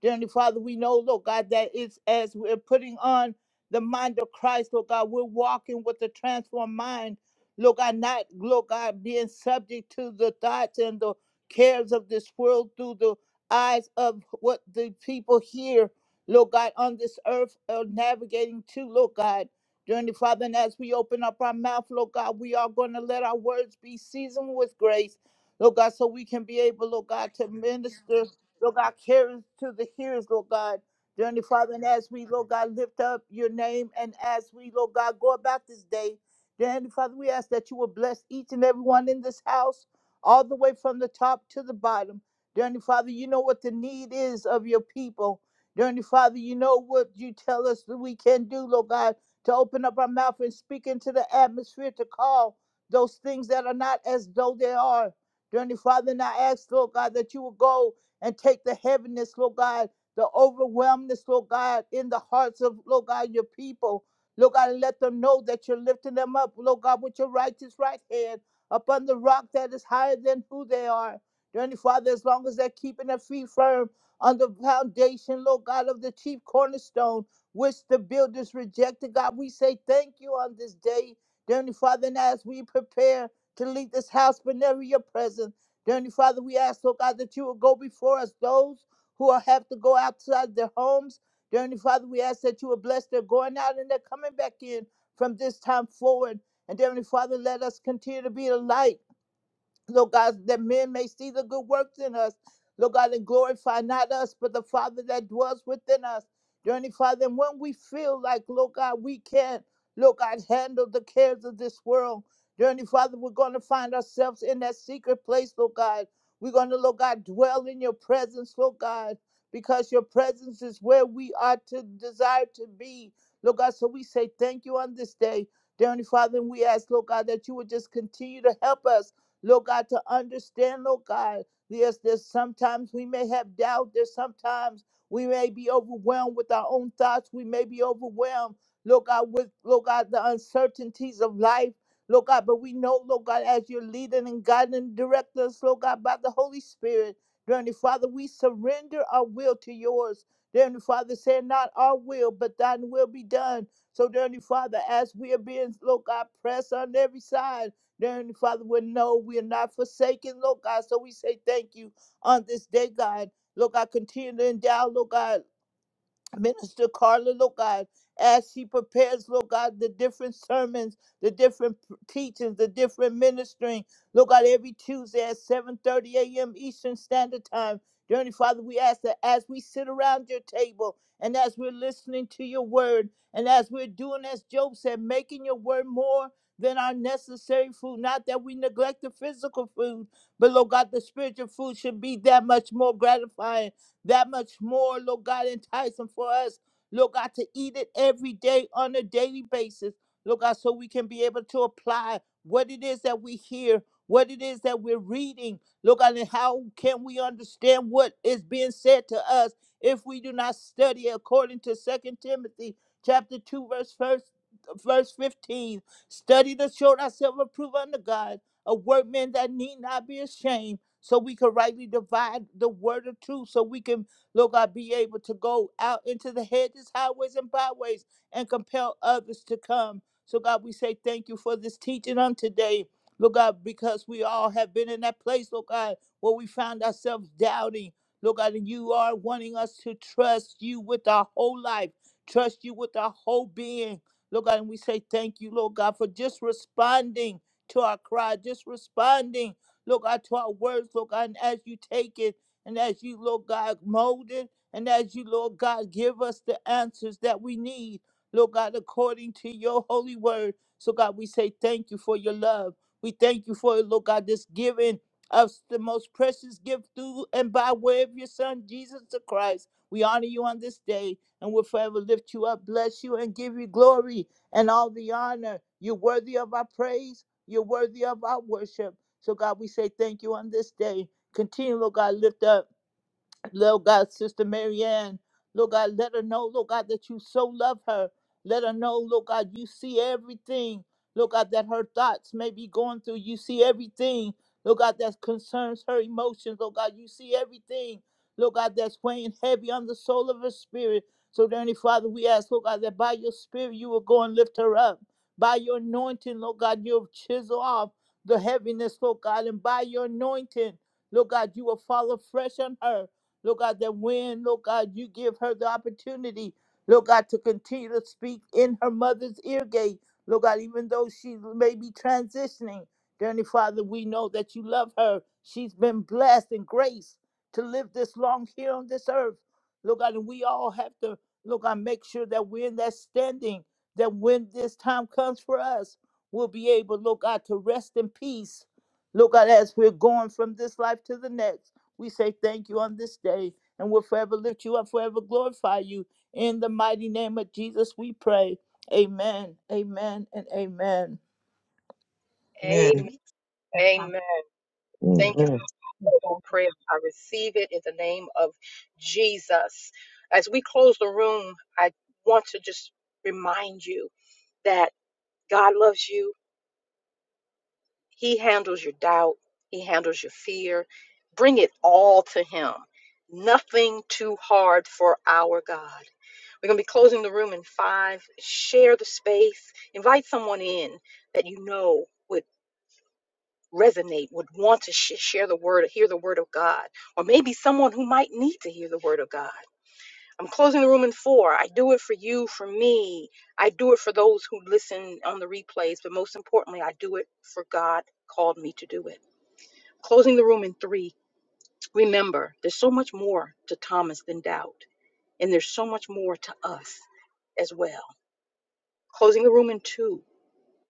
D: Dear Heavenly Father, we know, Lord God, that it's as we're putting on the mind of Christ, Lord God, we're walking with the transformed mind, Lord God, not, Lord God, being subject to the thoughts and the cares of this world through the eyes of what the people here, Lord God, on this earth are navigating to, Lord God. Dear Heavenly Father, and as we open up our mouth, Lord God, we are going to let our words be seasoned with grace, Lord God, so we can be able, Lord God, to minister. Lord God, carries to the hearers, Lord God. Dear Heavenly Father, and as we, Lord God, lift up your name and as we, Lord God, go about this day, dear Heavenly Father, we ask that you will bless each and everyone in this house, all the way from the top to the bottom. Dear Heavenly Father, you know what the need is of your people. Dear Heavenly Father, you know what you tell us that we can do, Lord God, to open up our mouth and speak into the atmosphere to call those things that are not as though they are. Dear Heavenly Father, and I ask, Lord God, that you will go and take the heaviness, Lord God, the overwhelmness, Lord God, in the hearts of, Lord God, your people. Lord God, and let them know that you're lifting them up, Lord God, with your righteous right hand upon the rock that is higher than who they are. Dear Heavenly Father, as long as they're keeping their feet firm on the foundation, Lord God, of the chief cornerstone, which the builders rejected, God, we say thank you on this day. Dear Heavenly Father, and as we prepare to leave this house, but never your presence. Dearly Father, we ask, oh God, that you will go before us those who are, have to go outside their homes. Dearly Father, we ask that you will bless their going out and their coming back in from this time forward. And Dearly Father, let us continue to be the light. Lord God, that men may see the good works in us. Lord God, and glorify not us, but the Father that dwells within us. Journey, Father, and when we feel like, Lord God, we can't, Lord God, handle the cares of this world. Journey, Father, we're going to find ourselves in that secret place, Lord God. We're going to, Lord God, dwell in your presence, Lord God, because your presence is where we are to desire to be. Lord God, so we say thank you on this day. Journey Father, and we ask, Lord God, that you would just continue to help us. Lord God, to understand, Lord God, yes, there's sometimes we may have doubt. There's sometimes we may be overwhelmed with our own thoughts. We may be overwhelmed, Lord God, with, Lord God, the uncertainties of life. Lord God, but we know, Lord God, as you're leading and guiding and directing us, Lord God, by the Holy Spirit, dear Heavenly Father, we surrender our will to yours. Dear Heavenly Father, say not our will, but thine will be done. So, dear Heavenly Father, as we are being, Lord God, pressed on every side, Dear Heavenly Father, we know we are not forsaken, Lord God. So we say thank you on this day, God. Lord God, continue to endow, Lord God. Minister Carla, Lord God, as she prepares, Lord God, the different sermons, the different p- teachings, the different ministering, Lord God, every Tuesday at 7.30 a.m. Eastern Standard Time. Dear Heavenly Father, we ask that as we sit around your table and as we're listening to your word and as we're doing, as Job said, making your word more than our necessary food, not that we neglect the physical food, but Lord God, the spiritual food should be that much more gratifying that much more, Lord God, enticing for us, Lord God, to eat it every day on a daily basis, Lord God, so we can be able to apply what it is that we hear, what it is that we're reading, Lord God, and how can we understand what is being said to us if we do not study according to Second Timothy chapter 2, verse first, verse 15. Study to show thyself approved unto God, a workman that need not be ashamed so we can rightly divide the word of truth, so we can, Lord God, be able to go out into the hedges, highways, and byways and compel others to come. So, God, we say thank you for this teaching on today, Lord God, because we all have been in that place, Lord God, where we found ourselves doubting, Lord God, and you are wanting us to trust you with our whole life, trust you with our whole being. Lord God, and we say thank you, Lord God, for just responding to our cry, just responding Lord God, to our words, Lord God, and as you take it and as you, Lord God, mold it and as you, Lord God, give us the answers that we need, Lord God, according to your holy word. So, God, we say thank you for your love. We thank you for, Lord God, this giving us the most precious gift through and by way of your Son, Jesus the Christ. We honor you on this day and we will forever lift you up, bless you, and give you glory and all the honor. You're worthy of our praise. You're worthy of our worship. So, God, we say thank you on this day. Continue, Lord God, lift up. Lord God, Sister Marianne, Lord God, let her know, Lord God, that you so love her. Let her know, Lord God, you see everything. Lord God, that her thoughts may be going through. You see everything, Lord God, that concerns her emotions. Lord God, you see everything, Lord God, that's weighing heavy on the soul of her spirit. So, Dearly Father, we ask, Lord God, that by your spirit you will go and lift her up. By your anointing, Lord God, you'll chisel off the heaviness, Lord God, and by your anointing, Lord God, you will fall afresh on her. Lord God, that when, Lord God, you give her the opportunity, Lord God, to continue to speak in her mother's ear gate, Lord God, even though she may be transitioning, dear, Dearly Father, we know that you love her. She's been blessed and graced to live this long here on this earth. Lord God, and we all have to, Lord God, make sure that we're in that standing, that when this time comes for us, we'll be able, Lord God, to rest in peace. Lord God, as we're going from this life to the next. We say thank you on this day, and we'll forever lift you up, forever glorify you. In the mighty name of Jesus, we pray. Amen, amen, and amen.
B: Amen.
C: Amen.
B: Amen. Thank you.
C: Amen.
B: powerful prayer. I receive it in the name of Jesus. As we close the room, I want to just remind you that God loves you. He handles your doubt, He handles your fear. Bring it all to Him. Nothing too hard for our God. We're going to be closing the room in five. Share the space, invite someone in that you know. would. resonate, would want to sh- share the word, hear the word of God, or maybe someone who might need to hear the word of God. I'm closing the room in four. I do it for you, for me. I do it for those who listen on the replays, but most importantly, I do it for God called me to do it. Closing the room in three. Remember, there's so much more to Thomas than doubt, and there's so much more to us as well. Closing the room in two.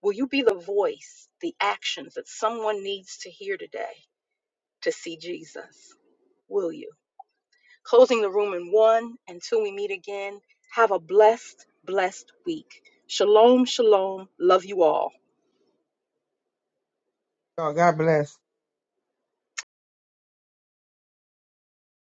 B: Will you be the voice, the actions that someone needs to hear today to see Jesus? will you? Closing the room in one until we meet again. Have a blessed, blessed week. Shalom, shalom. Love you all.
C: Oh, God bless.